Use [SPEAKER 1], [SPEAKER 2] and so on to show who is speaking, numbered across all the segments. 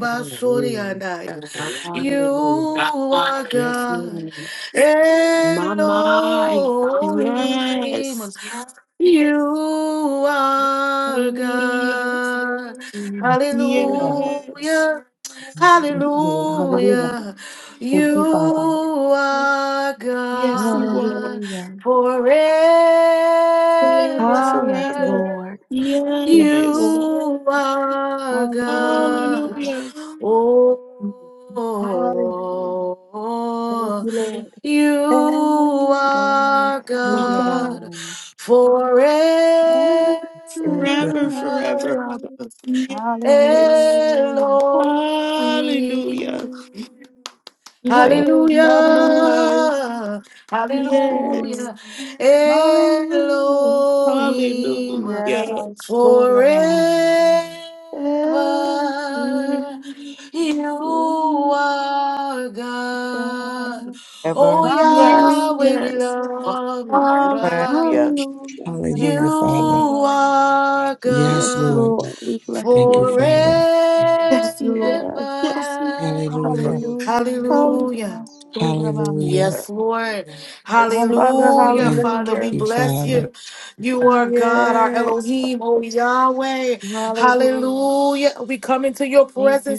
[SPEAKER 1] Hallelujah. Hallelujah. Yes, Lord. My, my. Yes. Hallelujah. Yes. Hallelujah. Yes, you are. Forever, forever. Yes. Hallelujah. Mama,
[SPEAKER 2] Hallelujah.
[SPEAKER 1] forever, forever, Abba. Yes. Hallelujah.
[SPEAKER 2] Thank you,
[SPEAKER 1] Oh, Mama, yes, hallelujah. Mm,
[SPEAKER 2] ever and
[SPEAKER 1] Yes, yes,
[SPEAKER 2] ever
[SPEAKER 1] hallelujah.
[SPEAKER 3] Hallelujah, Father. Yes, Lord. Thank you, Father.
[SPEAKER 1] Yes, you are. Yes, you are.
[SPEAKER 3] Hallelujah.
[SPEAKER 1] Hallelujah.
[SPEAKER 3] Hallelujah.
[SPEAKER 1] Yes, Father,
[SPEAKER 3] Thank
[SPEAKER 1] hallelujah.
[SPEAKER 3] you, Father.
[SPEAKER 4] You
[SPEAKER 1] Yes,
[SPEAKER 4] house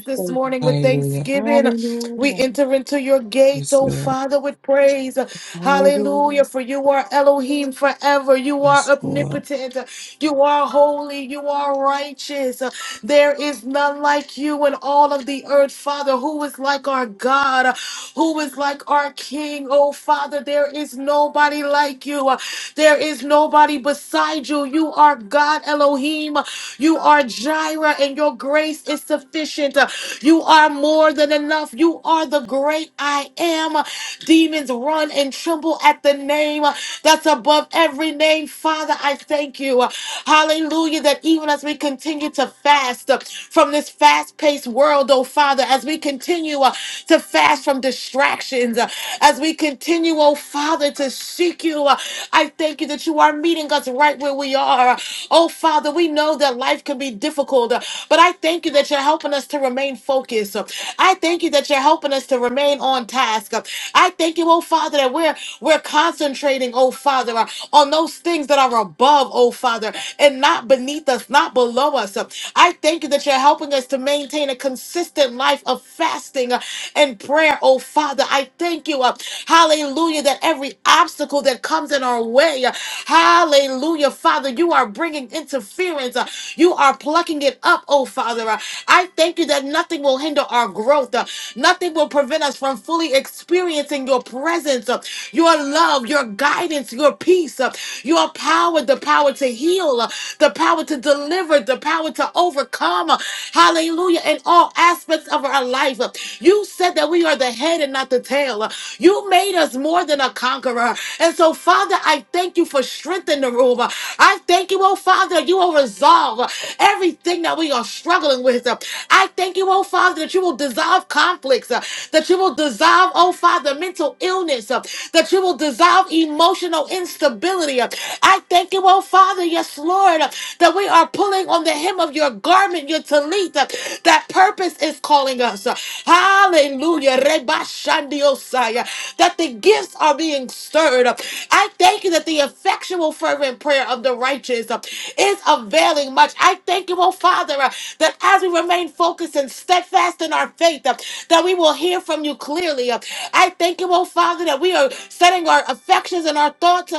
[SPEAKER 4] this morning with
[SPEAKER 3] Hallelujah.
[SPEAKER 4] thanksgiving. We enter into your gates,
[SPEAKER 3] Yes,
[SPEAKER 4] oh
[SPEAKER 3] Lord.
[SPEAKER 4] Father, with praise. Hallelujah. For you are Elohim forever. You are
[SPEAKER 3] Yes, Lord.
[SPEAKER 4] omnipotent. You are holy. You are righteous. There is none like you in all of the earth, Father. Who is like our God? Who is like our King? Oh Father, there is nobody like you. There is nobody beside you. You are God Elohim. You are Jireh, and your grace is sufficient. You are more than enough. You are the great I am. Demons run and tremble at the name that's above every name. Father, I thank you. Hallelujah. That even as we continue to fast from this fast paced world, oh Father, as we continue uh, to fast from distractions, uh, as we continue, oh Father, to seek you, uh, I thank you that you are meeting us right where we are. Oh, Father, we know that life can be difficult, uh, but I thank you that you're helping us to remain focused. Uh, I thank you that you're helping us to remain on task. Uh, I thank you, oh Father, that we're we're concentrating, oh Father, uh, on those things that are above, oh Father, and not beneath us, not below us. Uh, I thank you that you're helping us to maintain a consistent life of fasting and prayer, oh Father. I thank you, uh, hallelujah, that every obstacle that comes in our way, uh, hallelujah, Father, you are bringing interference. uh, you are plucking it up, oh Father. Uh, I thank you that nothing will hinder our growth. uh, nothing will prevent us from fully experiencing your presence, uh, your love, your guidance, your peace, uh, your power, the power to heal, uh, the power to deliver, the power to overcome. uh, Hallelujah. In all aspects of our life. uh, you said that we are the head and not the tail. You made us more than a conqueror. And so, Father, I thank you for strengthening the room. I thank you, oh Father, you will resolve everything that we are struggling with. I thank you, oh Father, that you will dissolve conflicts, that you will dissolve, oh Father, mental illness, uh, that you will dissolve emotional instability. uh. I thank you, oh Father, yes, Lord, uh, that we are pulling on the hem of your garment, your tallit, uh, that purpose is calling us. uh. Hallelujah. Reba Shandiosai, uh, That the gifts are being stirred. uh. I thank you that the effectual, fervent prayer of the righteous uh, is availing much. I thank you, oh Father, uh, that as we remain focused and steadfast in our faith, uh, that we will hear from you clearly. uh, I thank you, oh Father, that we are setting our affections and our thoughts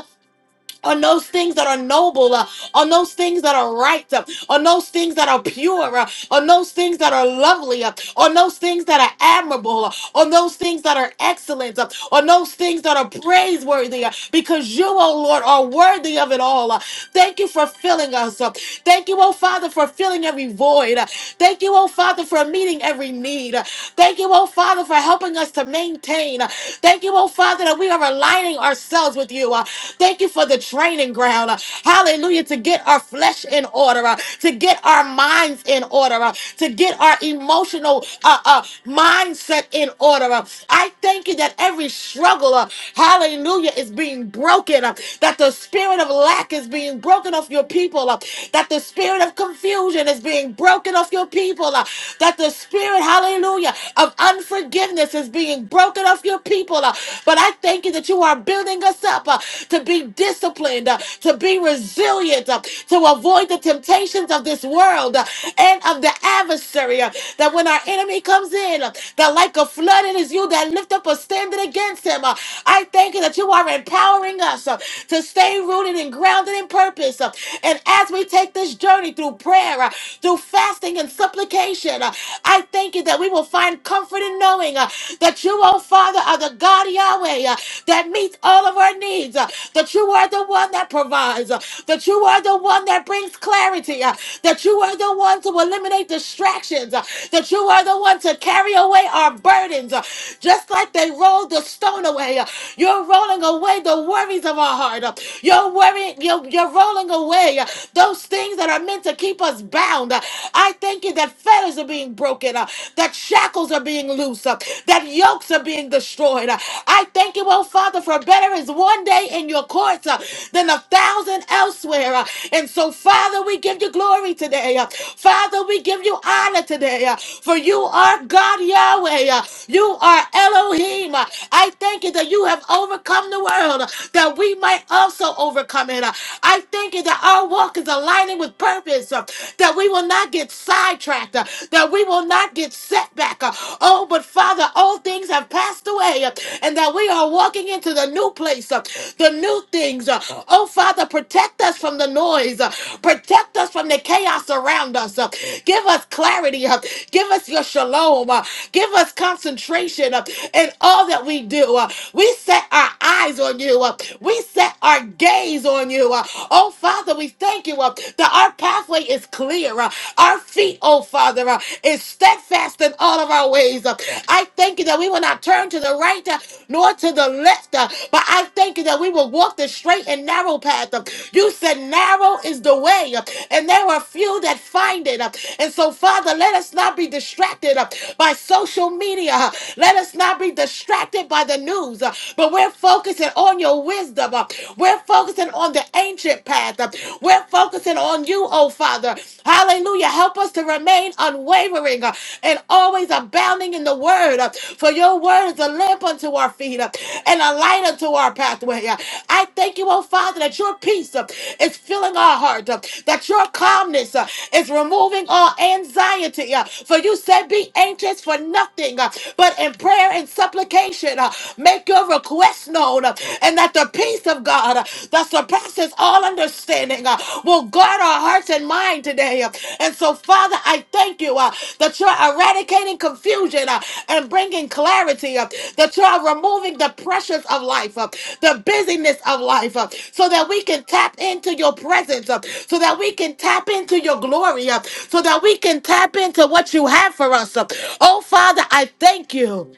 [SPEAKER 4] on those things that are noble, uh, on those things that are right, uh, on those things that are pure, uh, on those things that are lovely, uh, on those things that are admirable, uh, on those things that are excellent, uh, on those things that are praiseworthy, uh, because you, oh Lord, are worthy of it all. uh. Thank you for filling us. uh. Thank you, oh Father, for filling every void. uh. Thank you, oh Father, for meeting every need. uh. Thank you, oh Father, for helping us to maintain. uh. Thank you, oh Father, that we are aligning ourselves with you. uh, Thank you for the training ground. uh, Hallelujah. To get our flesh in order, uh, to get our minds in order, uh, to get our emotional uh, uh, mindset in order. uh. I thank you that every struggle, uh, hallelujah, is being broken, uh, that the spirit of lack is being broken off your people, uh, that the spirit of confusion is being broken off your people, uh, that the spirit, hallelujah, of unforgiveness is being broken off your people. uh, But I thank you that you are building us up uh, to be disciplined, uh, to be resilient, uh, to avoid the temptations of this world uh, and of the adversary. uh, that when our enemy comes in, uh, that like a flood, it is you that lift up a standard against him. Uh, I thank you that you are empowering us uh, to stay rooted and grounded in purpose. uh, and as we take this journey through prayer, uh, through fasting and supplication, uh, I thank you that we will find comfort in knowing. uh, uh, that you, oh Father, are the God Yahweh uh, that meets all of our needs, uh, that you are the one that provides, uh, that you are the one that brings clarity, uh, that you are the one to eliminate distractions, uh, that you are the one to carry away our burdens, uh, just like they rolled the stone away. uh, You're rolling away the worries of our heart. uh, You're worrying, you're, you're rolling away uh, those things that are meant to keep us bound. Uh, I thank you that fetters are being broken broken, uh, that shackles are being loose, uh, that yokes are being destroyed. uh. I thank you, oh Father, for better is one day in your courts uh, than a thousand elsewhere. uh. And so, Father, we give you glory today. uh. Father, we give you honor today, uh, for you are God Yahweh. uh. You are Elohim. uh. I thank you that you have overcome the world, uh, that we might also overcome it. uh. I thank you that our walk is aligning with purpose, uh, that we we will not get sidetracked, uh, that we will not get set back. uh, Oh, but Father, all things have passed away, uh, and that we are walking into the new place, uh, the new things. uh, Oh, Father, protect us from the noise, uh, protect us from the chaos around us. uh, Give us clarity, uh, give us your shalom, uh, give us concentration uh, in all that we do. uh, We set our eyes on you, uh, we set our gaze on you. uh, Oh, Father, we thank you uh, that our pathway is clear. uh, our feet, oh Father, uh, is steadfast in all of our ways. uh. I thank you that we will not turn to the right uh, nor to the left, uh, but I thank you that we will walk the straight and narrow path. uh. you said narrow is the way, uh, and there are few that find it. uh. and so, Father, let us not be distracted uh, by social media. uh. let us not be distracted by the news, uh, but we're focusing on your wisdom. uh. We're focusing on the ancient path. We're focusing on you, oh Father. Hallelujah. Help us to remain unwavering uh, and always abounding in the word. uh, For your word is a lamp unto our feet uh, and a light unto our pathway. uh. I thank you, oh Father, that your peace uh, is filling our heart, uh, that your calmness uh, is removing all anxiety. uh, For you said, Be anxious for nothing, uh, but in prayer and supplication, uh, make your request your quest known, uh, and that the peace of God uh, that surpasses all understanding uh, will guard our hearts and mind today. uh. And so, Father, I thank you uh, that you're eradicating confusion uh, and bringing clarity, uh, that you're removing the pressures of life, uh, the busyness of life, uh, so that we can tap into your presence, uh, so that we can tap into your glory, uh, so that we can tap into what you have for us. uh. Oh, Father, I thank you.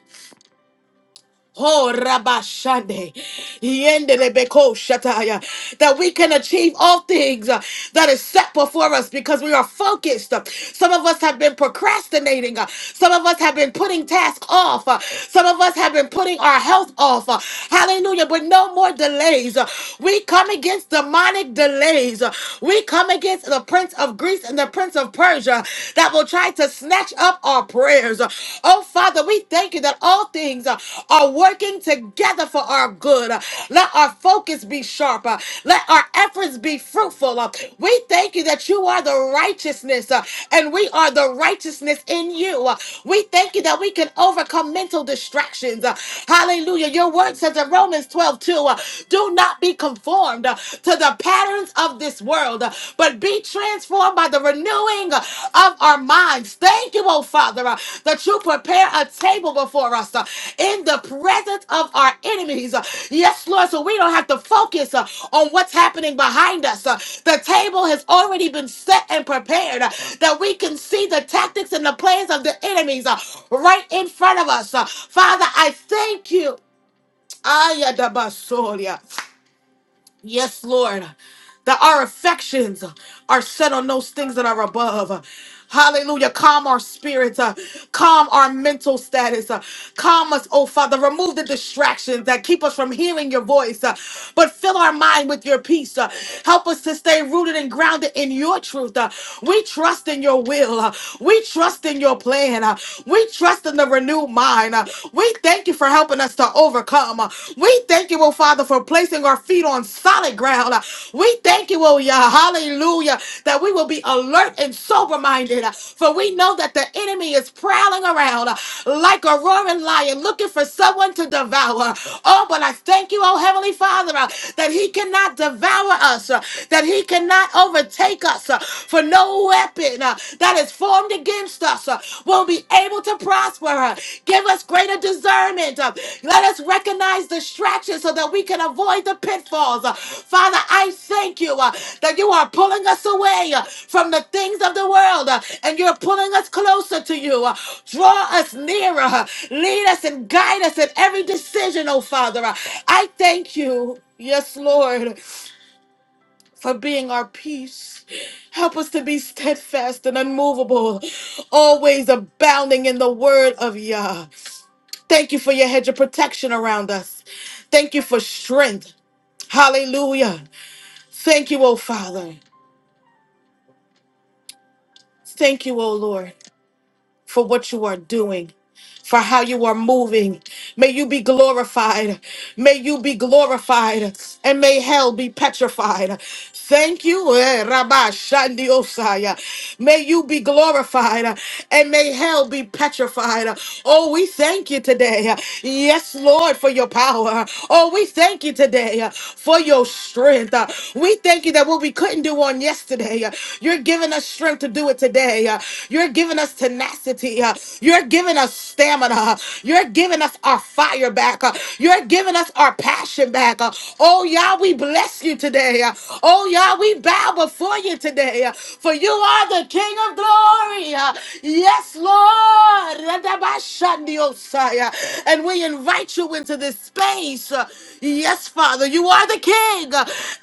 [SPEAKER 4] Oh, Rabashande. Yendelebeko Shataya. That we can achieve all things uh, that is set before us because we are focused. Some of us have been procrastinating. Uh, Some of us have been putting tasks off. Uh, Some of us have been putting our health off. Uh, Hallelujah. But no more delays. Uh, We come against demonic delays. Uh, We come against the prince of Greece and the prince of Persia that will try to tonight to snatch up our prayers. Oh, Father, we thank you that all things uh, are working together for our good. Uh, Let our focus be sharp. uh, Let our efforts be fruitful. uh. We thank you that you are the righteousness uh, and we are the righteousness in you. uh. We thank you that we can overcome mental distractions. uh. Hallelujah. Your word says in Romans 12 2, do not be conformed uh, to the pattern of this world, uh, but be transformed by the renewing uh, of our minds. Thank you, oh Father, uh, that you prepare a table before us uh, in the presence of our enemies. Uh, Yes, Lord, so we don't have to focus uh, on what's happening behind us. Uh, The table has already been set and prepared uh, that we can see the tactics and the plans of the enemies uh, right in front of us. Uh, Father, I thank you. Ayadabasoria. Yes, Lord. That our affections are set on those things that are above. Hallelujah. Calm our spirits. uh, Calm our mental status. uh, Calm us, oh Father. Remove the distractions that keep us from hearing your voice. uh, But fill our mind with your peace. uh, Help us to stay rooted and grounded in your truth. uh, We trust in your will. uh, We trust in your plan. uh, We trust in the renewed mind. uh, We thank you for helping helping us to overcome. Uh, We thank you, oh Father, for placing our feet on solid ground. Uh, We thank you, oh yeah, hallelujah, that we will be alert and sober minded. For we know that the enemy is prowling around uh, like a roaring lion looking for someone to devour. Oh, but I thank you, oh Heavenly Father, uh, that he cannot devour us, uh, that he cannot overtake us, uh, for no weapon uh, that is has formed against us uh, will be able to prosper. uh, Give us greater discernment. uh, Let us recognize distractions so that we can avoid the pitfalls. uh, Father, I thank you uh, that you are pulling us away uh, from the things of the world uh, and you're pulling us closer to you. uh, Draw us nearer. uh, Lead us and guide us in every decision, oh Father. uh, I thank you. Yes, Lord for being our peace. Help us to be steadfast and unmovable, always abounding in the word of Yah. Thank you for your hedge of protection around us. Thank you for strength. Hallelujah. Thank you, O Father. Thank you, O Lord, for what you are doing. for how you are moving. May you be glorified. May you be glorified. And may hell be petrified. Thank you, eh, Rabba Shandi Osaya. May you be glorified. And may hell be petrified. Oh, we thank you today. Yes, Lord, for your power. Oh, we thank you today for your strength. We thank you that what we couldn't do on yesterday, you're giving us strength to do it today. You're giving us tenacity. You're giving us us stamina. You're giving us our fire back. You're giving us our passion back. Oh, Yah, we bless you today. Oh, Yah, we bow before you today. For you are the King of glory. Yes, Lord. And we invite you into this space. Yes, Father, you are the King,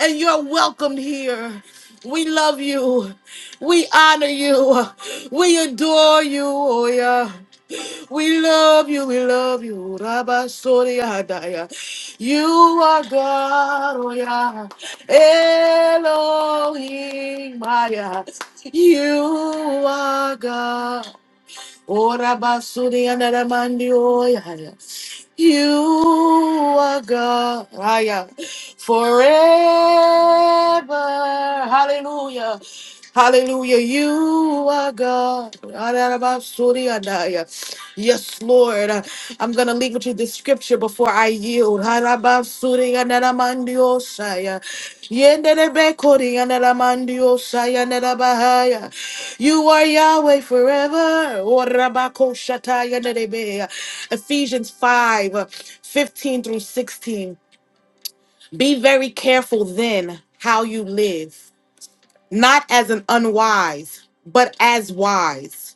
[SPEAKER 4] and you're welcomed here. We love you. We honor you. We adore you. Oh, yeah. We love you, we love you. Rabba Soria Hadaya. You are God, oh yeah. Elohim, Maya. You are God. Ora basuri anaramandi oya. You are God aya. forever. Hallelujah. Hallelujah. You are God. Arabasuri Yes, Lord. I'm going to leave with you this scripture before I yield. Harabasuri anaramandi osaya. Yenderebekori you are Yahweh forever. Orabakoshatayanarebea. Ephesians 5 uh, 15 through 16. Be very careful then how you live, not as an unwise, but as wise,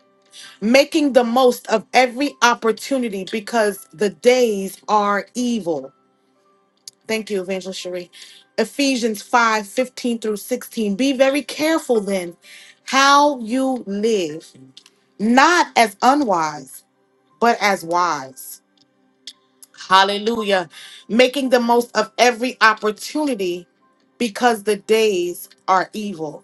[SPEAKER 4] making the most of every opportunity because the days are evil. Thank you, Evangelist Cherie. Ephesians 5:15 through 16. Be very careful then how you live not as unwise, but as wise. Hallelujah. Making the most of every opportunity because the days are evil.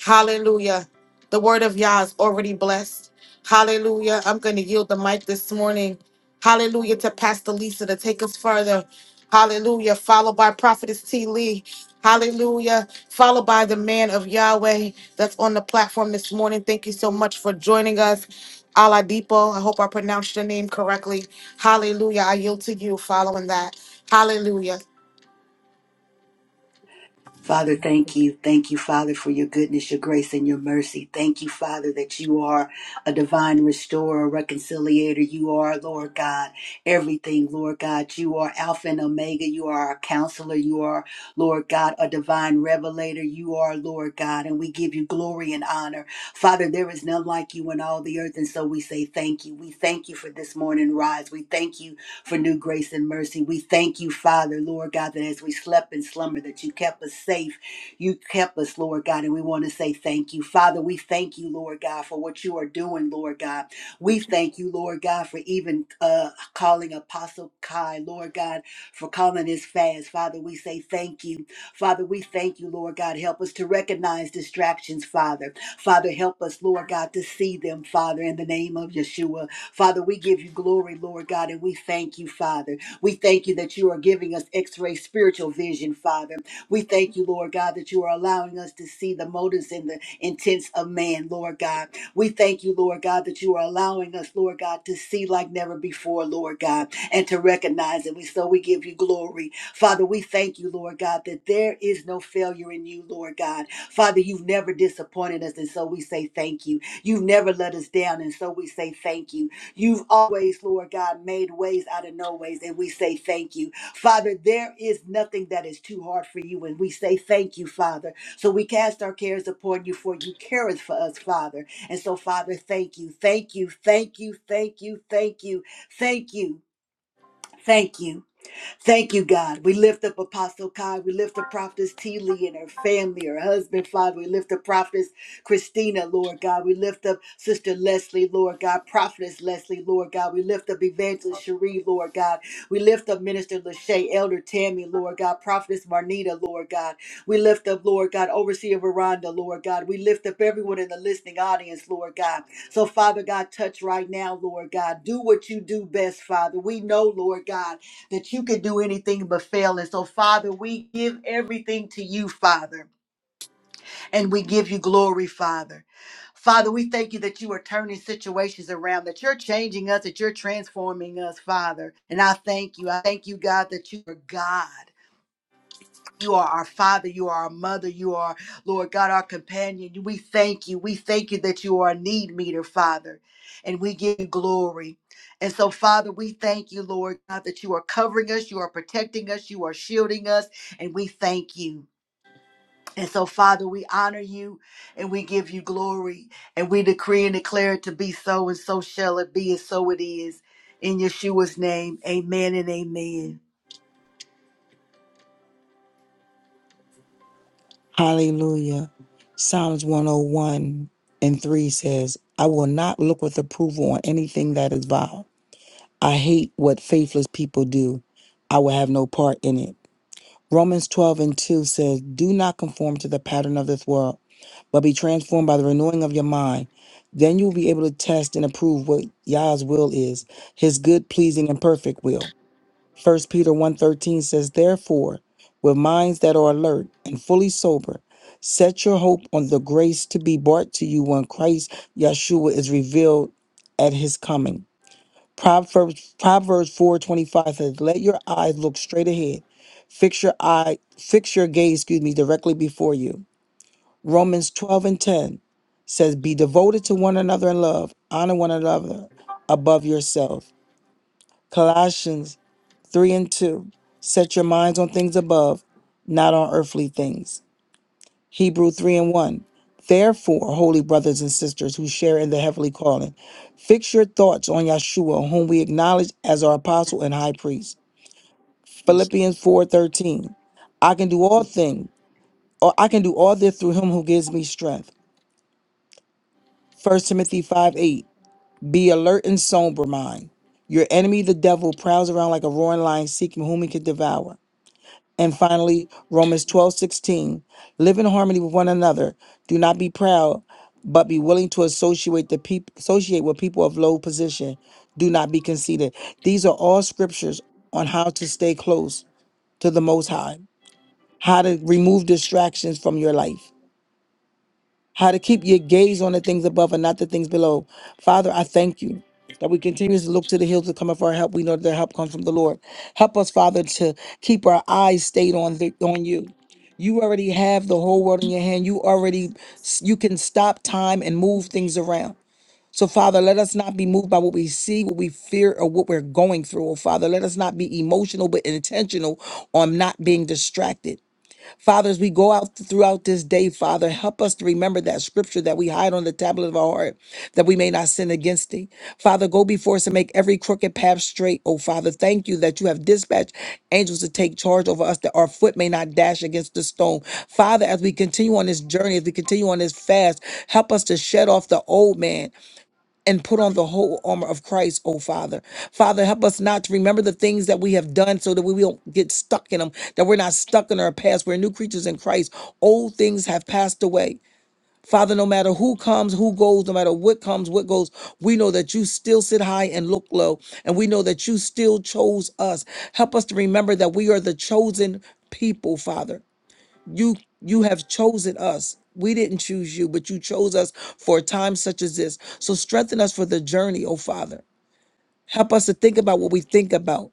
[SPEAKER 4] Hallelujah. The word of Yah is already blessed. Hallelujah. I'm going to yield the mic this morning. Hallelujah to Pastor Lisa to take us further. Hallelujah. Followed by Prophetess T. Lee. Hallelujah. Followed by the man of Yahweh that's on the platform this morning. Thank you so much for joining us. Aladipo, I hope I pronounced your name correctly. Hallelujah. I yield to you following that. Hallelujah.
[SPEAKER 5] Father, thank you. Thank you, Father, for your goodness, your grace, and your mercy. Thank you, Father, that you are a divine restorer, reconciliator. You are, Lord God, everything, Lord God. You are Alpha and Omega. You are our counselor. You are, Lord God, a divine revelator. You are, Lord God, and we give you glory and honor. Father, there is none like you in all the earth, and so we say thank you. We thank you for this morning rise. We thank you for new grace and mercy. We thank you, Father, Lord God, that as we slept in slumber, that you kept us safe. You kept us, Lord God, and we want to say thank you. Father, we thank you, Lord God, for what you are doing, Lord God. We thank you, Lord God, for even uh, calling Apostle Kai, Lord God, for calling his fast. Father, we say thank you. Father, we thank you, Lord God. Help us to recognize distractions, Father. Father, help us, Lord God, to see them, Father, in the name of Yeshua. Father, we give you glory, Lord God, and we thank you, Father. We thank you that you are giving us x ray spiritual vision, Father. We thank you, Lord God, that you are allowing us to see the motives and the intents of man, Lord God. We thank you, Lord God, that you are allowing us, Lord God, to see like never before, Lord God, and to recognize it. We so we give you glory. Father, we thank you, Lord God, that there is no failure in you, Lord God. Father, you've never disappointed us, and so we say thank you. You've never let us down, and so we say thank you. You've always, Lord God, made ways out of no ways, and we say thank you. Father, there is nothing that is too hard for you, and we say thank you, Father. So we cast our cares upon you, for you careth for us, Father. And so, Father, thank you, thank you, thank you, thank you, thank you, thank you, thank you. Thank you, God. We lift up Apostle Kai. We lift up Prophetess T. Lee and her family, her husband, Father. We lift up Prophetess Christina, Lord God. We lift up Sister Leslie, Lord God. Prophetess Leslie, Lord God. We lift up Evangelist Cherie, Lord God. We lift up Minister Lachey, Elder Tammy, Lord God. Prophetess Marnita, Lord God. We lift up, Lord God, Overseer Veranda, Lord God. We lift up everyone in the listening audience, Lord God. So, Father God, touch right now, Lord God. Do what you do best, Father. We know, Lord God that you could do anything but fail. And so, Father, we give everything to you, Father, and we give you glory, Father. Father, we thank you that you are turning situations around, that you're changing us, that you're transforming us, Father. And I thank you. I thank you, God, that you are God. You are our father. You are our mother. You are, Lord God, our companion. We thank you. We thank you that you are a need meter, Father, and we give you glory. And so, Father, we thank you, Lord God, that you are covering us, you are protecting us, you are shielding us, and we thank you. And so, Father, we honor you and we give you glory, and we decree and declare it to be so, and so shall it be, and so it is. In Yeshua's name, amen and amen.
[SPEAKER 3] Hallelujah. Psalms 101 and 3 says, I will not look with approval on anything that is vile. I hate what faithless people do. I will have no part in it. Romans 12 and 2 says, Do not conform to the pattern of this world, but be transformed by the renewing of your mind. Then you will be able to test and approve what Yah's will is, his good, pleasing, and perfect will. First Peter one thirteen says, Therefore, with minds that are alert and fully sober, set your hope on the grace to be brought to you when Christ Yeshua is revealed at his coming. Proverbs Proverbs four twenty five says, "Let your eyes look straight ahead, fix your eye, fix your gaze, excuse me, directly before you." Romans twelve and ten says, "Be devoted to one another in love, honor one another above yourself." Colossians three and two, set your minds on things above, not on earthly things. Hebrew 3 and 1. Therefore, holy brothers and sisters who share in the heavenly calling, fix your thoughts on Yeshua, whom we acknowledge as our apostle and high priest. Philippians 4 13. I can do all things, or I can do all this through him who gives me strength. First Timothy 5 8. Be alert and sober mind. Your enemy, the devil, prowls around like a roaring lion seeking whom he can devour. And finally, Romans twelve sixteen, Live in harmony with one another. Do not be proud, but be willing to associate the people associate with people of low position. Do not be conceited. These are all scriptures on how to stay close to the most high, how to remove distractions from your life how to keep your gaze on the things above and not the things below. Father, I thank you that we continue to look to the hills to come up for our help. We know that our help comes from the Lord. Help us, Father, to keep our eyes stayed on the, on you. You already have the whole world in your hand. You already you can stop time and move things around. So, Father, let us not be moved by what we see, what we fear, or what we're going through. Oh, Father, let us not be emotional, but intentional on not being distracted. Father, as we go out throughout this day, Father, help us to remember that scripture that we hide on the tablet of our heart, that we may not sin against thee. Father, go before us and make every crooked path straight. Oh, Father, thank you that you have dispatched angels to take charge over us, that our foot may not dash against the stone. Father, as we continue on this journey, as we continue on this fast, help us to shed off the old man and put on the whole armor of Christ, oh Father. Father, help us not to remember the things that we have done so that we don't get stuck in them, that we're not stuck in our past. We're new creatures in Christ. Old things have passed away. Father, no matter who comes, who goes, no matter what comes, what goes, we know that you still sit high and look low. And we know that you still chose us. Help us to remember that we are the chosen people, Father you you have chosen us we didn't choose you but you chose us for a time such as this so strengthen us for the journey oh father help us to think about what we think about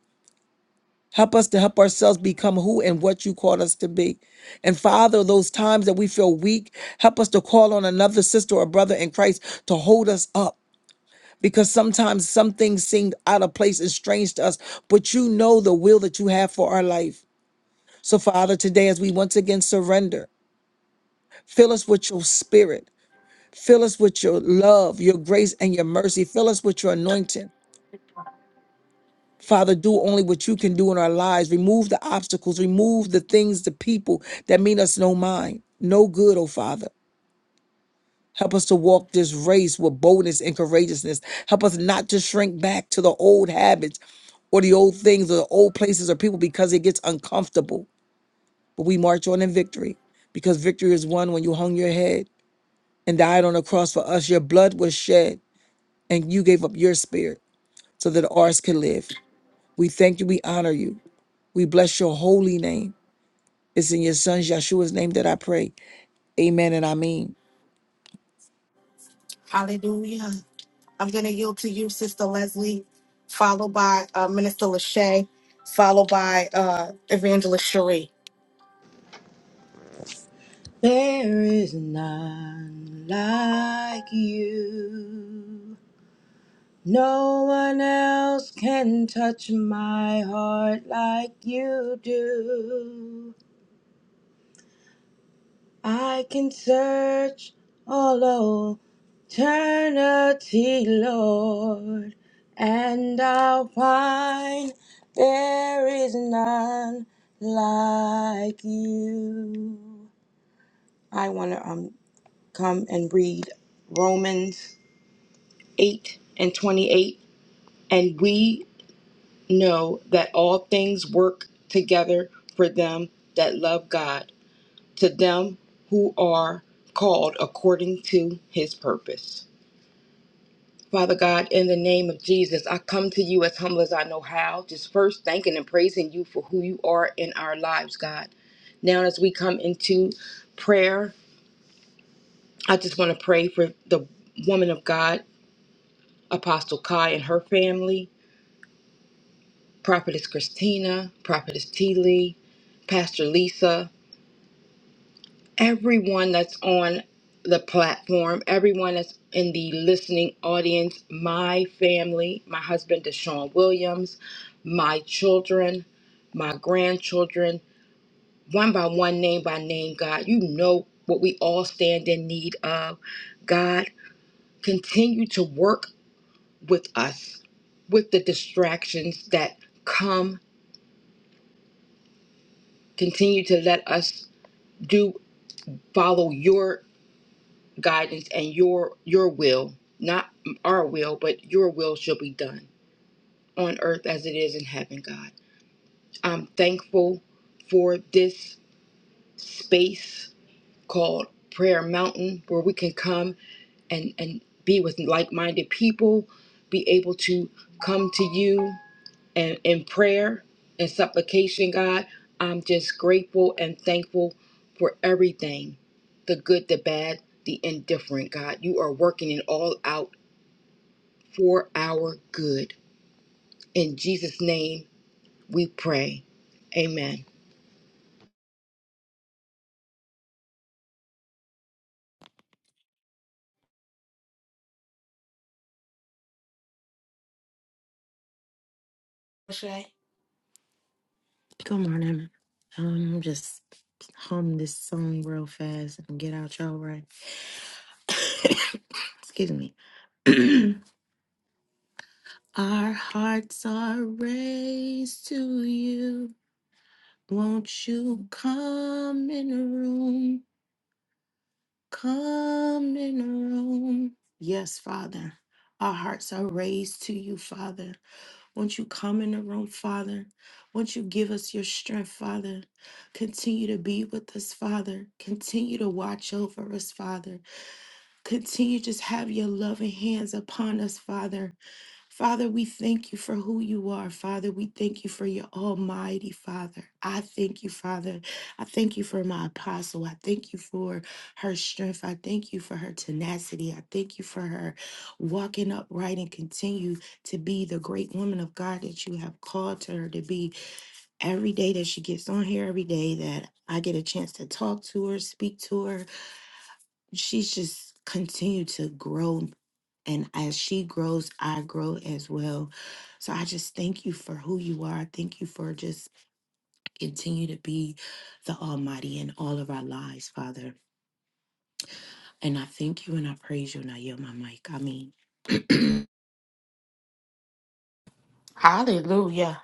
[SPEAKER 3] help us to help ourselves become who and what you called us to be and father those times that we feel weak help us to call on another sister or brother in christ to hold us up because sometimes some things seem out of place and strange to us but you know the will that you have for our life so father today as we once again surrender fill us with your spirit Fill us with your love, your grace, and your mercy. Fill us with your anointing. Father, do only what you can do in our lives. Remove the obstacles, remove the things, the people that mean us no mind, no good, oh Father. Help us to walk this race with boldness and courageousness. Help us not to shrink back to the old habits or the old things or the old places or people because it gets uncomfortable. But we march on in victory because victory is won when you hung your head and died on the cross for us. Your blood was shed and you gave up your spirit. so that ours can live. We thank you. We honor you. We bless your holy name. It's in your son Yeshua's name that I pray. Amen and I mean.
[SPEAKER 4] Hallelujah. I'm going to yield to you, Sister Leslie, followed by uh, Minister Lachey, followed by uh, Evangelist Cherie.
[SPEAKER 6] There is none like you. No one else can touch my heart like you do. I can search all eternity, Lord, and I'll find there is none like you. I want to um, come and read Romans 8 and 28 and we know that all things work together for them that love God to them who are called according to his purpose Father God, in the name of Jesus, I come to you as humble as I know how, just first thanking and praising you for who you are in our lives, God. Now, as we come into prayer, I just want to pray for the woman of God, Apostle Kai, and her family. Prophetess Christina, Prophetess T. Lee, Pastor Lisa, everyone that's on the platform, everyone that's in the listening audience, my family, my husband Deshaun Williams, my children, my grandchildren, one by one, name by name, God, you know what we all stand in need of. God, continue to work with us, with the distractions that come. Continue to let us do follow your guidance and your your will not our will but your will shall be done on earth as it is in heaven god i'm thankful for this space called prayer mountain where we can come and and be with like-minded people be able to come to you and in prayer and supplication, God, I'm just grateful and thankful for everything the good, the bad, the indifferent, God. You are working it all out for our good. In Jesus' name we pray. Amen.
[SPEAKER 1] Good morning. Um, just hum this song real fast and get out y'all right. Excuse me. Our hearts are raised to you. Won't you come in the room? Come in the room. Yes, Father. Our hearts are raised to you, Father. Won't you come in the room, Father? Won't you give us your strength, Father? Continue to be with us, Father. Continue to watch over us, Father. Continue to just have your loving hands upon us, Father. Father, we thank you for who you are. Father, we thank you for your almighty Father. I thank you, Father. I thank you for my apostle. I thank you for her strength. I thank you for her tenacity. I thank you for her walking upright and continue to be the great woman of God that you have called to her to be every day that she gets on here, every day that I get a chance to talk to her, speak to her. She's just continue to grow and as she grows, I grow as well. So I just thank you for who you are. Thank you for just continue to be the Almighty in all of our lives, Father. And I thank you and I praise you. And I yield my mic. I mean.
[SPEAKER 4] Hallelujah.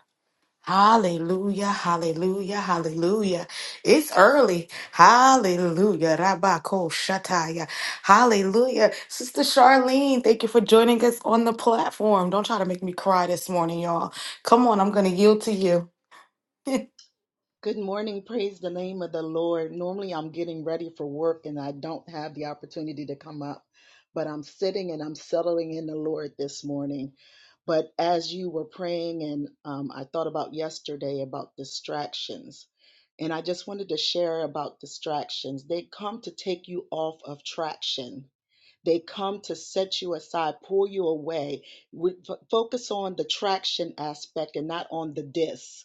[SPEAKER 4] Hallelujah, hallelujah, hallelujah. It's early. Hallelujah. Rabako Shataya. Hallelujah. Sister Charlene, thank you for joining us on the platform. Don't try to make me cry this morning, y'all. Come on, I'm going to yield to you.
[SPEAKER 7] Good morning. Praise the name of the Lord. Normally, I'm getting ready for work and I don't have the opportunity to come up, but I'm sitting and I'm settling in the Lord this morning. But as you were praying, and um, I thought about yesterday about distractions, and I just wanted to share about distractions. They come to take you off of traction. They come to set you aside, pull you away. We, f- focus on the traction aspect and not on the dis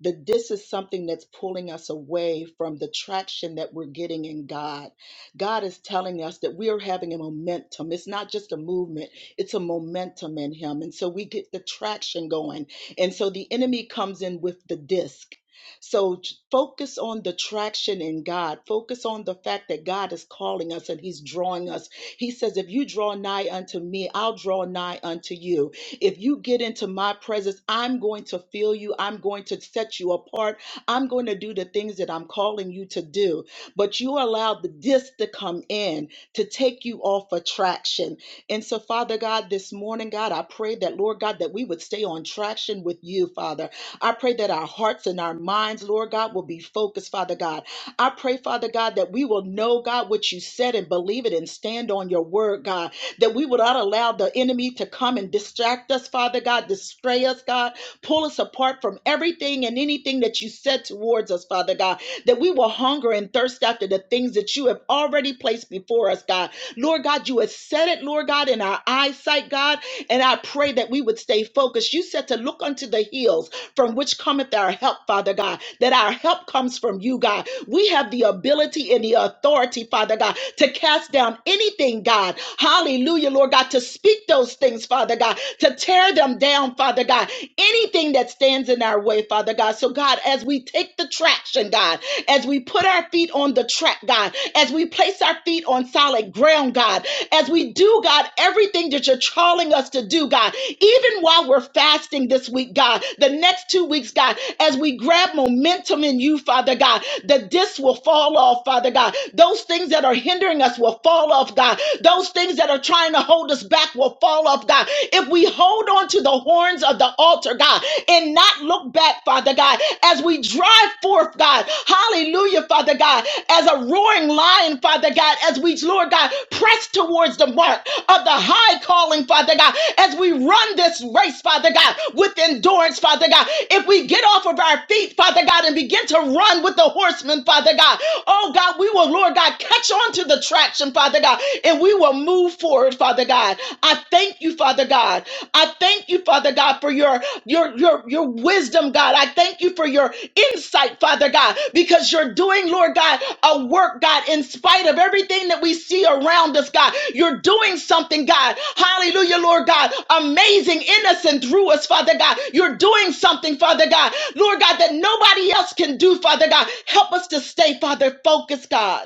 [SPEAKER 7] that this is something that's pulling us away from the traction that we're getting in God. God is telling us that we are having a momentum. It's not just a movement, it's a momentum in Him. And so we get the traction going. And so the enemy comes in with the disc. So j- focus on the traction in God. Focus on the fact that God is calling us and He's drawing us. He says, If you draw nigh unto me, I'll draw nigh unto you. If you get into my presence, I'm going to fill you. I'm going to set you apart. I'm going to do the things that I'm calling you to do. But you allowed the this to come in to take you off attraction. And so, Father God, this morning, God, I pray that, Lord God, that we would stay on traction with you, Father. I pray that our hearts and our minds, Lord God, will be focused, Father God. I pray, Father God, that we will know, God, what you said and believe it and stand on your word, God that we would not allow the enemy to come and distract us, Father God, distray us, God, pull us apart from everything and anything that you said towards us, Father God, that we will hunger and thirst after the things that you have already placed before us, God. Lord God, you have said it, Lord God, in our eyesight, God, and I pray that we would stay focused. You said to look unto the hills from which cometh our help, Father God, that our help comes from you, God. We have the ability and the authority, Father God, to cast down anything, God. Hallelujah, Lord God, to speak those things, Father God, to tear them down, Father God, anything that stands in our way, Father God. So, God, as we take the traction, God, as we put our feet on the track, God, as we place our feet on solid ground, God, as we do, God, everything that you're calling us to do, God, even while we're fasting this week, God, the next two weeks, God, as we grab momentum in you, Father God, the this will fall off, Father God. Those things that are hindering us will fall off, God. Those things that are trying to hold us back will fall off, God. If we hold on to the horns of the altar, God, and not look back, Father God, as we drive forth forth, God. Hallelujah, Father God, as a roaring lion, Father God, as we, Lord God, press towards the mark of the high calling, Father God, as we run this race, Father God, with endurance, Father God. If we get off of our feet, Father God, and begin to run with the horsemen, Father God, oh God, we will, Lord God, catch on to the traction, Father God, and we will move forward, Father God. I thank you, Father God. God. I thank you, Father God, for your your your your wisdom, God. I thank you for your insight, Father God, because you're doing, Lord God, a work, God, in spite of everything that we see around us, God. You're doing something, God. Hallelujah, Lord God. Amazing, innocent through us, Father God. You're doing something, Father God. Lord God, that nobody else can do, Father God. Help us to stay, Father, focused, God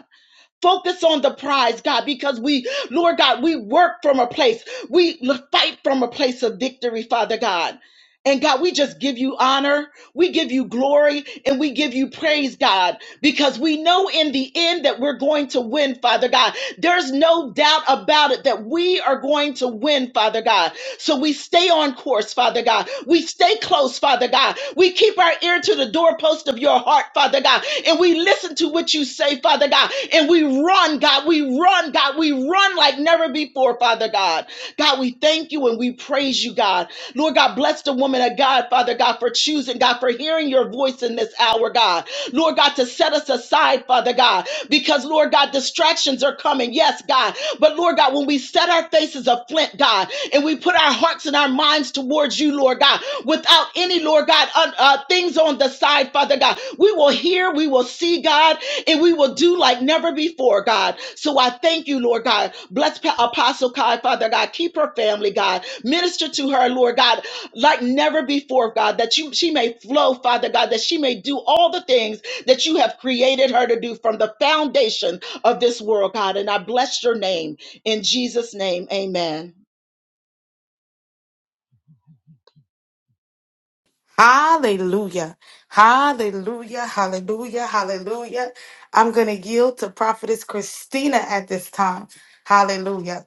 [SPEAKER 7] Focus on the prize, God, because we, Lord God, we work from a place. We fight from a place of victory, Father God. And God, we just give you honor. We give you glory and we give you praise, God, because we know in the end that we're going to win, Father God. There's no doubt about it that we are going to win, Father God. So we stay on course, Father God. We stay close, Father God. We keep our ear to the doorpost of your heart, Father God, and we listen to what you say, Father God, and we run run, God. We run, God. We run like never before, Father God. God, we thank you and we praise you, God. Lord God, bless the woman of God, Father God, for choosing, God, for hearing your voice in this hour, God. Lord God, to set us aside, Father God, because, Lord God, distractions are coming. Yes, God. But, Lord God, when we set our faces a flint, God, and we put our hearts and our our minds towards you, Lord God, without any, Lord God, uh, uh, things on the side, Father God. We will hear, we will see, God, and we will do like never before, God. So I thank you, Lord God. Bless Pa- Apostle Kai, Father God. Keep her family, God. Minister to her, Lord God, like never before, God, that you, she may flow, Father God, that she may do all the things that you have created her to do from the foundation of this world, God. And I bless your name in Jesus' name. Amen.
[SPEAKER 4] Hallelujah. Hallelujah. Hallelujah. Hallelujah. I'm going to yield to Prophetess Christina at this time. Hallelujah.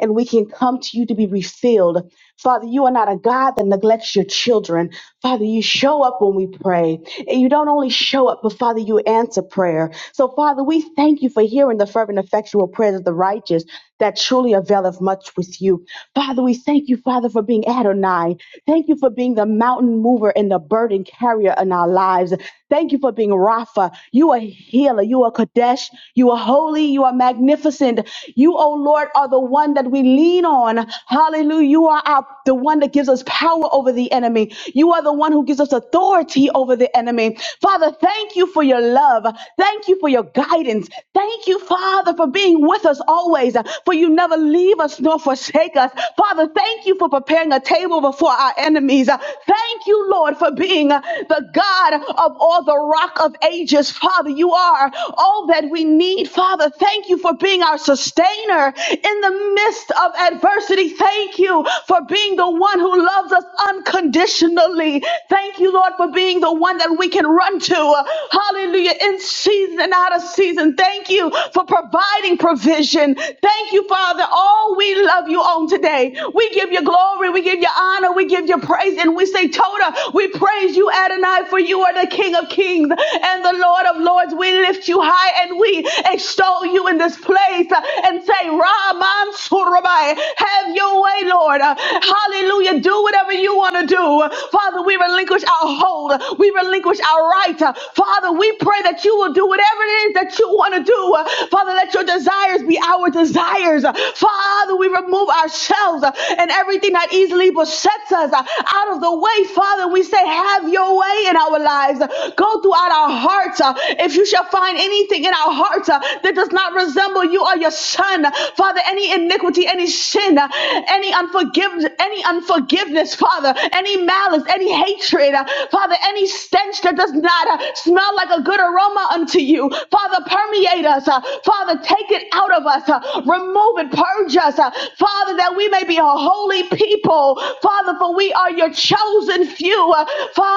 [SPEAKER 8] and we can come to you to be refilled. Father, you are not a God that neglects your children. Father, you show up when we pray. And you don't only show up, but Father, you answer prayer. So, Father, we thank you for hearing the fervent, effectual prayers of the righteous that truly availeth much with you. Father, we thank you, Father, for being Adonai. Thank you for being the mountain mover and the burden carrier in our lives. Thank you for being Rapha. You are healer. You are Kadesh. You are holy. You are magnificent. You, oh Lord, are the one that we lean on. Hallelujah. You are our, the one that gives us power over the enemy. You are the one who gives us authority over the enemy. Father, thank you for your love. Thank you for your guidance. Thank you, Father, for being with us always, for you never leave us nor forsake us. Father, thank you for preparing a table before our enemies. Thank you, Lord, for being the God of all the rock of ages. Father, you are. all all that we need. Father, thank you for being our sustainer in the midst of adversity. Thank you for being the one who loves us unconditionally. Thank you, Lord, for being the one that we can run to. Hallelujah. In season and out of season. Thank you for providing provision. Thank you, Father. All we love you on today. We give you glory. We give you honor. We give you praise. And we say, Toda, we praise you, Adonai, for you are the King of kings and the Lord of lords. We we lift you high and we extol you in this place uh, and say, Raman Surabai, have your way, Lord. Uh, Hallelujah. Do whatever you want to do. Father, we relinquish our hold. We relinquish our right. Uh, Father, we pray that you will do whatever it is that you want to do. Uh, Father, let your desires be our desires. Uh, Father, we remove ourselves uh, and everything that easily besets us uh, out of the way. Father, we say, have your way in our lives. Uh, Go throughout our hearts uh, if you shall find anything in our hearts uh, that does not resemble you or your son, Father, any iniquity, any sin, uh, any unforgiveness, any unforgiveness, Father, any malice, any hatred, uh, Father, any stench that does not uh, smell like a good aroma unto you, Father, permeate us, uh, Father, take it out of us, uh, remove it, purge us, uh, Father, that we may be a holy people, Father, for we are your chosen few, uh, Father.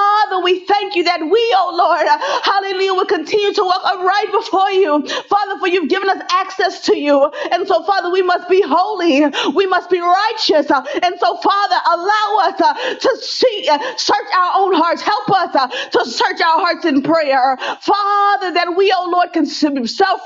[SPEAKER 8] we thank you that we, oh Lord, uh, Hallelujah. Will continue to walk upright before you. Father, for you've given us access to you. And so, Father, we must be holy. We must be righteous. Uh, And so, Father, allow us uh, to see, uh, search our own hearts. Help us uh, to search our hearts in prayer. Father, that we, oh Lord, can self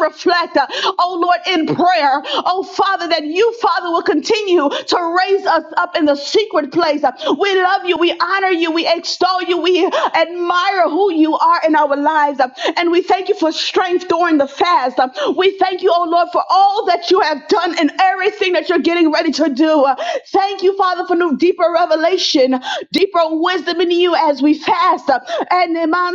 [SPEAKER 8] reflect, oh Lord, in prayer. Oh Father, that you, Father, will continue to raise us up in the secret place. Uh, We love you. We honor you. We extol you. We admire who you you are in our lives. um, And we thank you for strength during the fast. um, We thank you, oh Lord, for all that you have done and everything that you're getting ready to do. Uh, Thank you, Father, for new deeper revelation, deeper wisdom in you as we fast. um, And Iman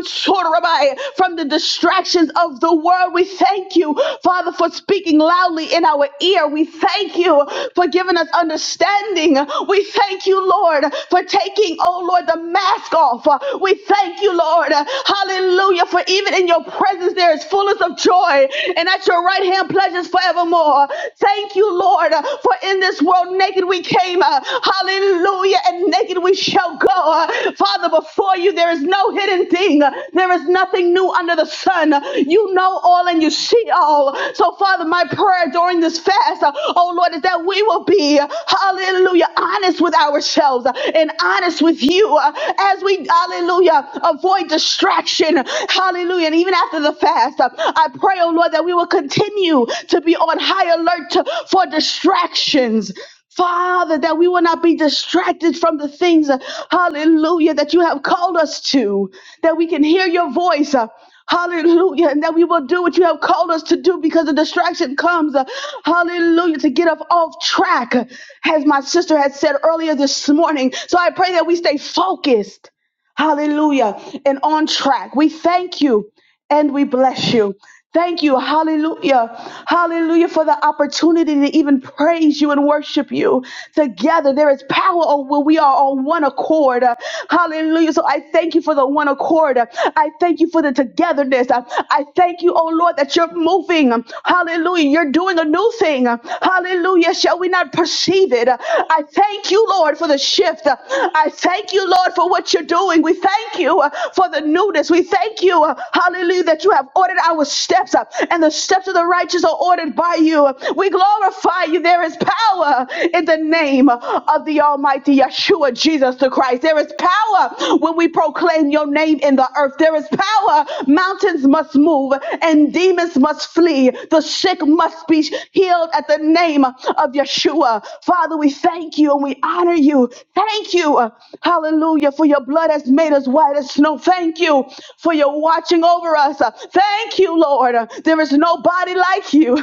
[SPEAKER 8] from the distractions of the world, we thank you, Father, for speaking loudly in our ear. We thank you for giving us understanding. We thank you, Lord, for taking, oh Lord, the mask off. We thank you, you, Lord. Uh, Hallelujah. For even in your presence, there is fullness of joy, and at your right hand, pleasures forevermore. Thank you, Lord. uh, For in this world, naked we came. uh, Hallelujah. And naked we shall go. Uh, Father, before you, there is no hidden thing, Uh, there is nothing new under the sun. Uh, You know all and you see all. So, Father, my prayer during this fast, uh, oh Lord, is that we will be, uh, hallelujah, honest with ourselves uh, and honest with you uh, as we, hallelujah Hallelujah. Avoid distraction. Hallelujah. And even after the fast, uh, I pray, oh Lord, that we will continue to be on high alert to- for distractions. Father, that we will not be distracted from the things, uh, hallelujah, that you have called us to, that we can hear your voice. uh, Hallelujah. And that we will do what you have called us to do because the distraction comes. uh, Hallelujah. To get us off track, uh, as my sister had said earlier this morning. So I pray that we stay focused Hallelujah. And on track. We thank you and we bless you. Thank you. Hallelujah. Hallelujah for the opportunity to even praise you and worship you together. There is power when we are on one accord. Uh, Hallelujah. So I thank you for the one accord. Uh, I thank you for the togetherness. Uh, I thank you, oh Lord, that you're moving. Um, Hallelujah. You're doing a new thing. Uh, Hallelujah. Shall we not perceive it? I thank you, Lord, for the shift. I thank you, Lord, for what you're doing. We thank you uh, for the newness. We thank you, uh, hallelujah, that you have ordered our steps uh, and the steps of the righteous are ordered by you. We glorify you. There is power in the name of the Almighty Yeshua, Jesus the Christ. There is power when we proclaim your name in the earth. There is power. Mountains must move and demons must flee. The sick must be healed at the name of Yeshua. Father, we thank you and we honor you. Thank you. Hallelujah. For your blood has made us white as snow. Thank you for your watching over us. Thank you, Lord. There is nobody like you,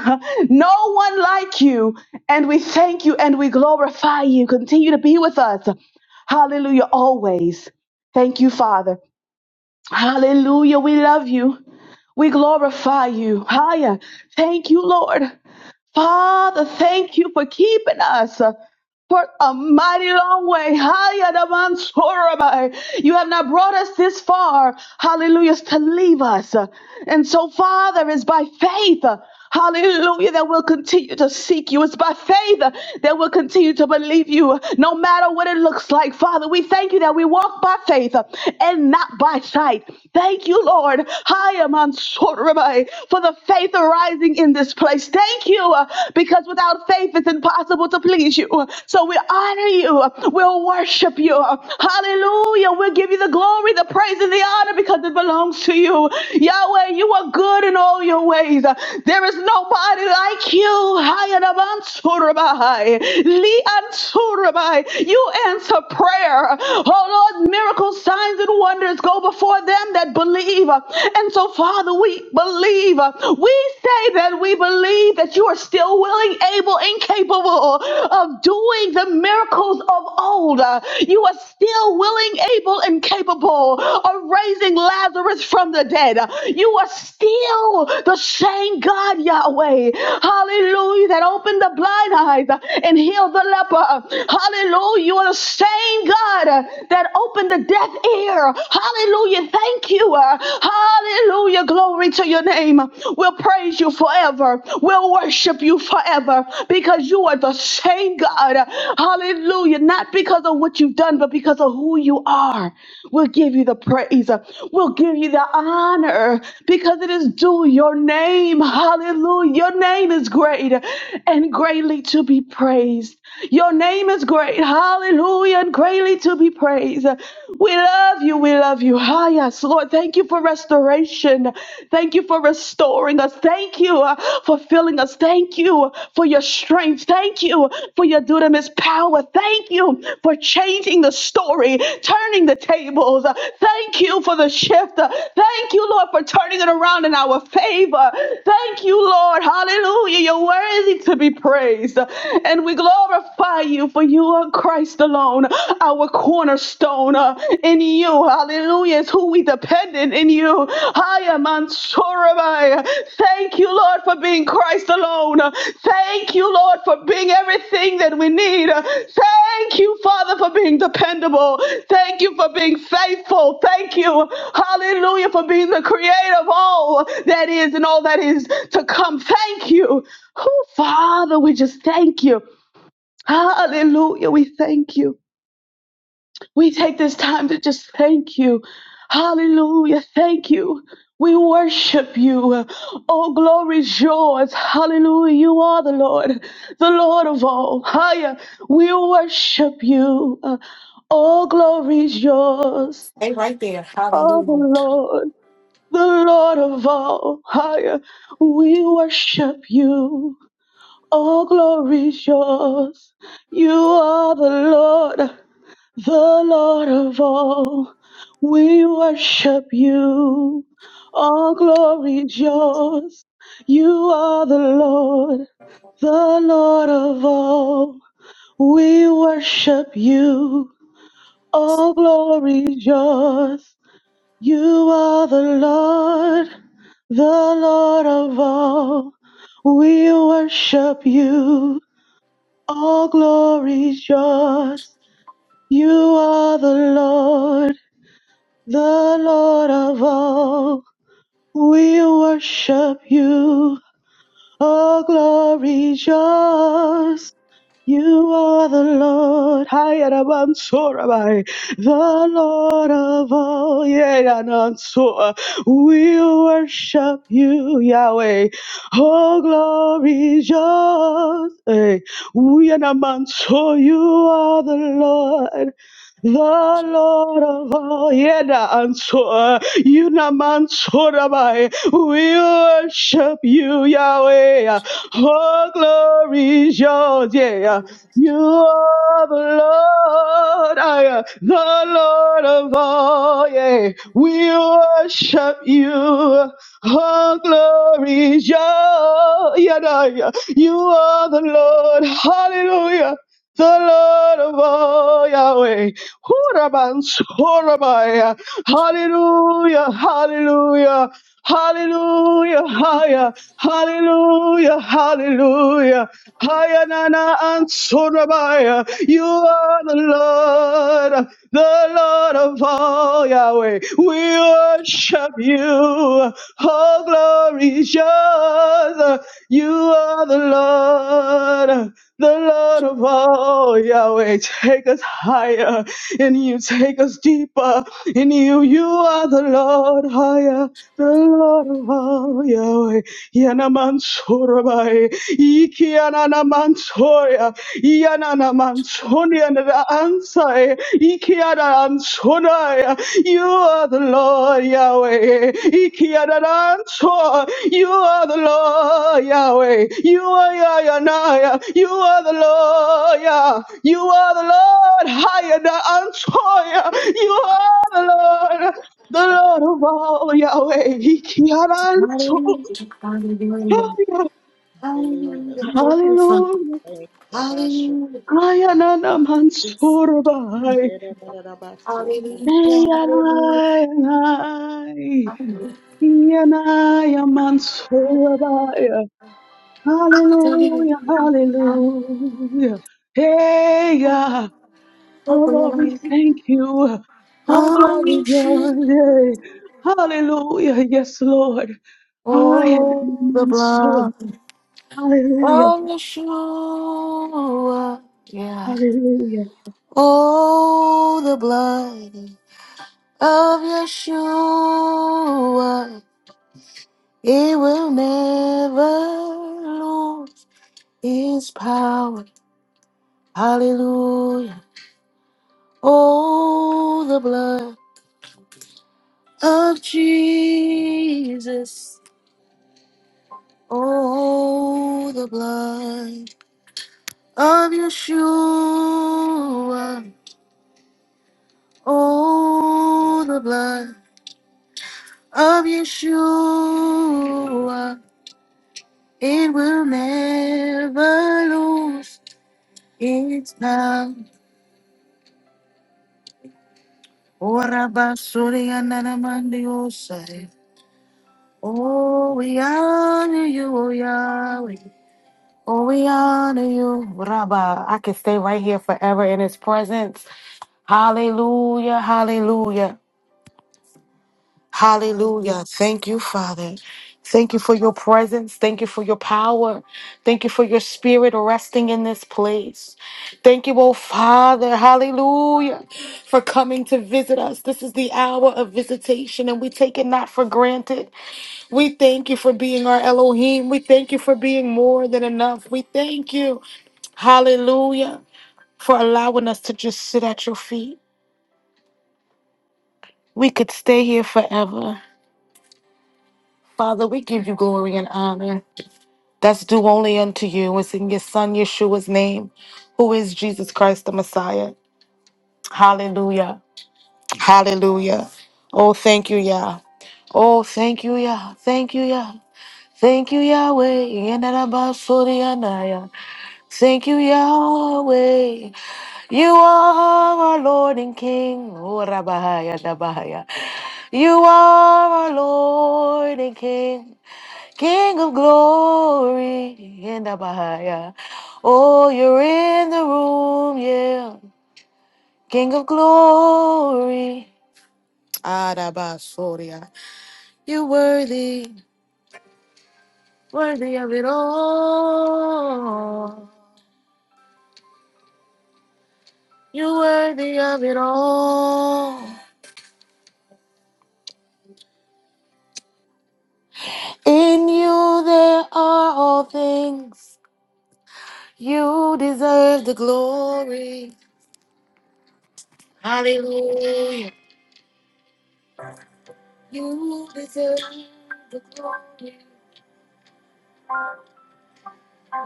[SPEAKER 8] no one like you. And we thank you and we glorify you. Continue to be with us. Hallelujah. Always. Thank you, Father. Hallelujah. We love you. We glorify you. Higher. Thank you, Lord. Father, thank you for keeping us for a mighty long way. Hayadabansorabai. You have not brought us this far, hallelujah, to leave us. And so, Father, it's by faith, hallelujah, that we'll continue to seek you. It's by faith that we'll continue to believe you, no matter what it looks like. Father, we thank you that we walk by faith and not by sight. Thank you, Lord, Hayamansorabai, for the faith arising in this place. Thank you, uh, because without faith it's impossible to please you. So we honor you. We'll worship you. Hallelujah. We'll give you the glory, the praise, and the honor because it belongs to you. Yahweh, you are good in all your ways. There is nobody like you. Hayanabansurabahai. Rabbi. You answer prayer. Oh Lord, miracles, signs, and wonders go before them that believe. And so, Father, we believe. We say that we believe that you are still willing, able, and capable of doing the miracles of old. You are still willing, able, and capable of raising Lazarus from the dead. You are still the same God, Yahweh. Hallelujah. That opened the blind eyes and healed heal the leper. Hallelujah. You are the same God uh, that opened the deaf ear. Hallelujah. Thank you. uh, Hallelujah. Glory to your name. We'll praise you forever. We'll worship you forever because you are the same God. Hallelujah. Not because of what you've done, but because of who you are. We'll give you the praise. We'll give you the honor because it is due your name. Hallelujah. Your name is great and greatly to be praised. Your name is great. Hallelujah. And greatly to be praised. We love you. We love you. Ah, yes, Lord. Thank you for restoration. Thank you for restoring us. Thank you uh, for filling us. Thank you for your strength. Thank you for your dunamis power. Thank you for changing the story, turning the tables. Uh, Thank you for the shift. Uh, Thank you, Lord, for turning it around in our favor. Thank you, Lord. Hallelujah. You're worthy to be praised praise and we glorify you for you are Christ alone, our cornerstone uh, in you. Hallelujah. It's who we dependent in you. Hiya Mansurabai. Thank you, Lord, for being Christ alone. Uh, Thank you, Lord, for being everything that we need. Uh, Thank you, Father, for being dependable. Thank you for being faithful. Thank you, hallelujah, for being the creator of all that is and all that is to come. Thank you. Oh, Father, we just thank you. Hallelujah. We thank you. We take this time to just thank you. Hallelujah. Thank you. We worship you. Oh, glory is yours. Hallelujah. You are the Lord, the Lord of all. Higher. We worship you. Oh, glory is yours.
[SPEAKER 4] Stay right there.
[SPEAKER 8] Oh, the
[SPEAKER 4] Hallelujah.
[SPEAKER 8] Lord, the Lord of all. Higher. We worship you. All glory is yours. You are the Lord, the Lord of all. We worship you. All glory is yours. You are the Lord, the Lord of all. We worship you. All glory is yours. You are the Lord, the Lord of all. We worship you. All glory's yours. You are the Lord, the Lord of all. We worship you. All glory's yours. You are the Lord, Hayarabansorabai, the Lord of all, Yeranansoa. We worship you, Yahweh. Oh, glory is yours. Eh, Uyanamanso, you are the Lord. The Lord of all, Yeda Ansor, Yunamansor, we worship you, Yahweh. All glory is yours, yeah. You are the Lord, I am the Lord of all, yeah. We worship you. All glory is yours, yeah, yeah. yeah. You are the Lord, hallelujah. The Lord of all, Yahweh. Huraban, Horabaya. Hallelujah, hallelujah, hallelujah, Hallelujah, hallelujah. Hayanana and Sorabaya. You are the Lord, the Lord of all Yahweh. We worship you. All glory is yours. You are the Lord, the Lord of all Yahweh. Take us higher in you, take us deeper in you. You are the Lord higher, the Lord of all Yahweh. Yanamansorobae, Ikiananamansoya, Yananamansonia, Ikianansonaya, you are the Lord Yahweh, Ikiananso, you are the Lord Yahweh, you are Yayanaya, you are the Lord Yah, you are the Lord Hayanansoya, you are the Lord the Lord of all Yahweh, He can answer.
[SPEAKER 7] Hallelujah.
[SPEAKER 8] Hallelujah.
[SPEAKER 7] Thank you.
[SPEAKER 8] Kayanana mansorbai.
[SPEAKER 7] Yabashu.
[SPEAKER 8] Eyanai. Iyanaya mansorbai. Hallelujah. Hallelujah. Hey, yeah. Oh Lord, we thank you. Oh
[SPEAKER 4] I
[SPEAKER 8] glory
[SPEAKER 4] wish you
[SPEAKER 8] God. Hallelujah. Yes, Lord. I
[SPEAKER 4] all the
[SPEAKER 8] am
[SPEAKER 4] blood.
[SPEAKER 8] so. Hallelujah.
[SPEAKER 4] Oh, Yeshua, yeah.
[SPEAKER 8] Hallelujah.
[SPEAKER 4] Oh, the blood of Yeshua, it will never lose its power. Hallelujah. Oh, the blood of Jesus. Oh, the blood of Yeshua. Oh, the blood of Yeshua. It will never lose its power. Ora basuri anana mandi osai. Oh, we honor you, O Yahweh. Oh, we honor you, Rabba. I can stay right here forever in his presence. Hallelujah, hallelujah. Hallelujah. Thank you, Father. Thank you for your presence. Thank you for your power. Thank you for your spirit resting in this place. Thank you, oh Father. Hallelujah. For coming to visit us. This is the hour of visitation and we take it not for granted. We thank you for being our Elohim. We thank you for being more than enough. We thank you. Hallelujah. For allowing us to just sit at your feet. We could stay here forever. Father, we give you glory and honor. that's due only unto you. It's in your Son Yeshua's name, who is Jesus Christ the Messiah. Hallelujah. Hallelujah. Oh, thank you, Yah. Oh, thank you, Yah. Thank you, Yah. Thank you, Yahweh. Yenarabasurianaya. Thank you, Yahweh. You are our Lord and King. Oh, Rabahaya, Rabahaya. You are our Lord and King. King of glory in the Oh, you're in the room, yeah. King of glory. Arabasoria. You're worthy, worthy of it all. You're worthy of it all. In you there are all things. You deserve the glory. Hallelujah. You deserve the glory.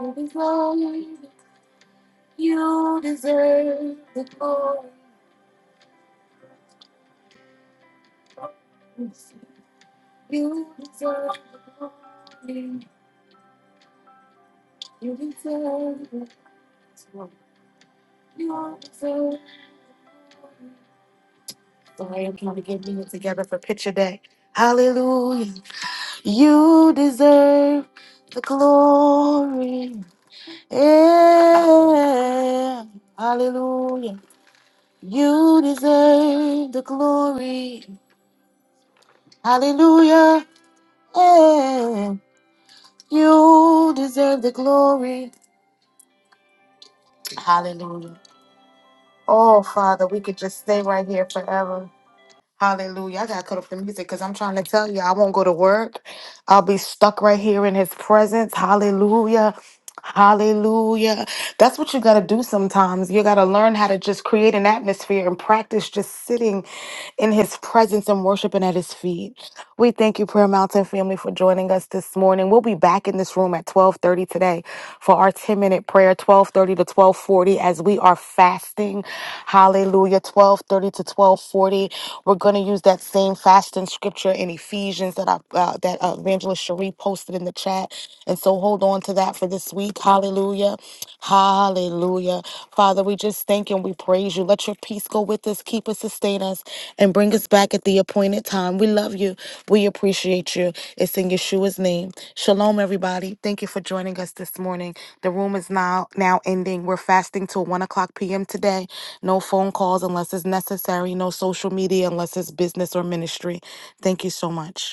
[SPEAKER 4] And as long you deserve the glory, you deserve the glory, you deserve the glory, you deserve the glory. Sorry, I'm trying to get me together for picture day. Hallelujah. You deserve the glory. Yeah. Hallelujah. You deserve the glory. Hallelujah. You deserve the glory. Hallelujah. Oh, Father, we could just stay right here forever. Hallelujah. I got to cut off the music because I'm trying to tell you, I won't go to work. I'll be stuck right here in his presence. Hallelujah. Hallelujah. That's what you got to do sometimes. You got to learn how to just create an atmosphere and practice just sitting in his presence and worshiping at his feet. We thank you, Prayer Mountain family, for joining us this morning. We'll be back in this room at 1230 today for our 10 minute prayer, 1230 to 1240 as we are fasting. Hallelujah. 1230 to 1240. We're going to use that same fasting scripture in Ephesians that I, uh, that uh, Evangelist Cherie posted in the chat. And so hold on to that for this week. Hallelujah. Hallelujah. Father, we just thank you and we praise you. Let your peace go with us, keep us, sustain us and bring us back at the appointed time. We love you. We appreciate you. It's in Yeshua's name. Shalom, everybody. Thank you for joining us this morning. The room is now now ending. We're fasting till one o'clock p.m. today. No phone calls unless it's necessary. No social media unless it's business or ministry. Thank you so much.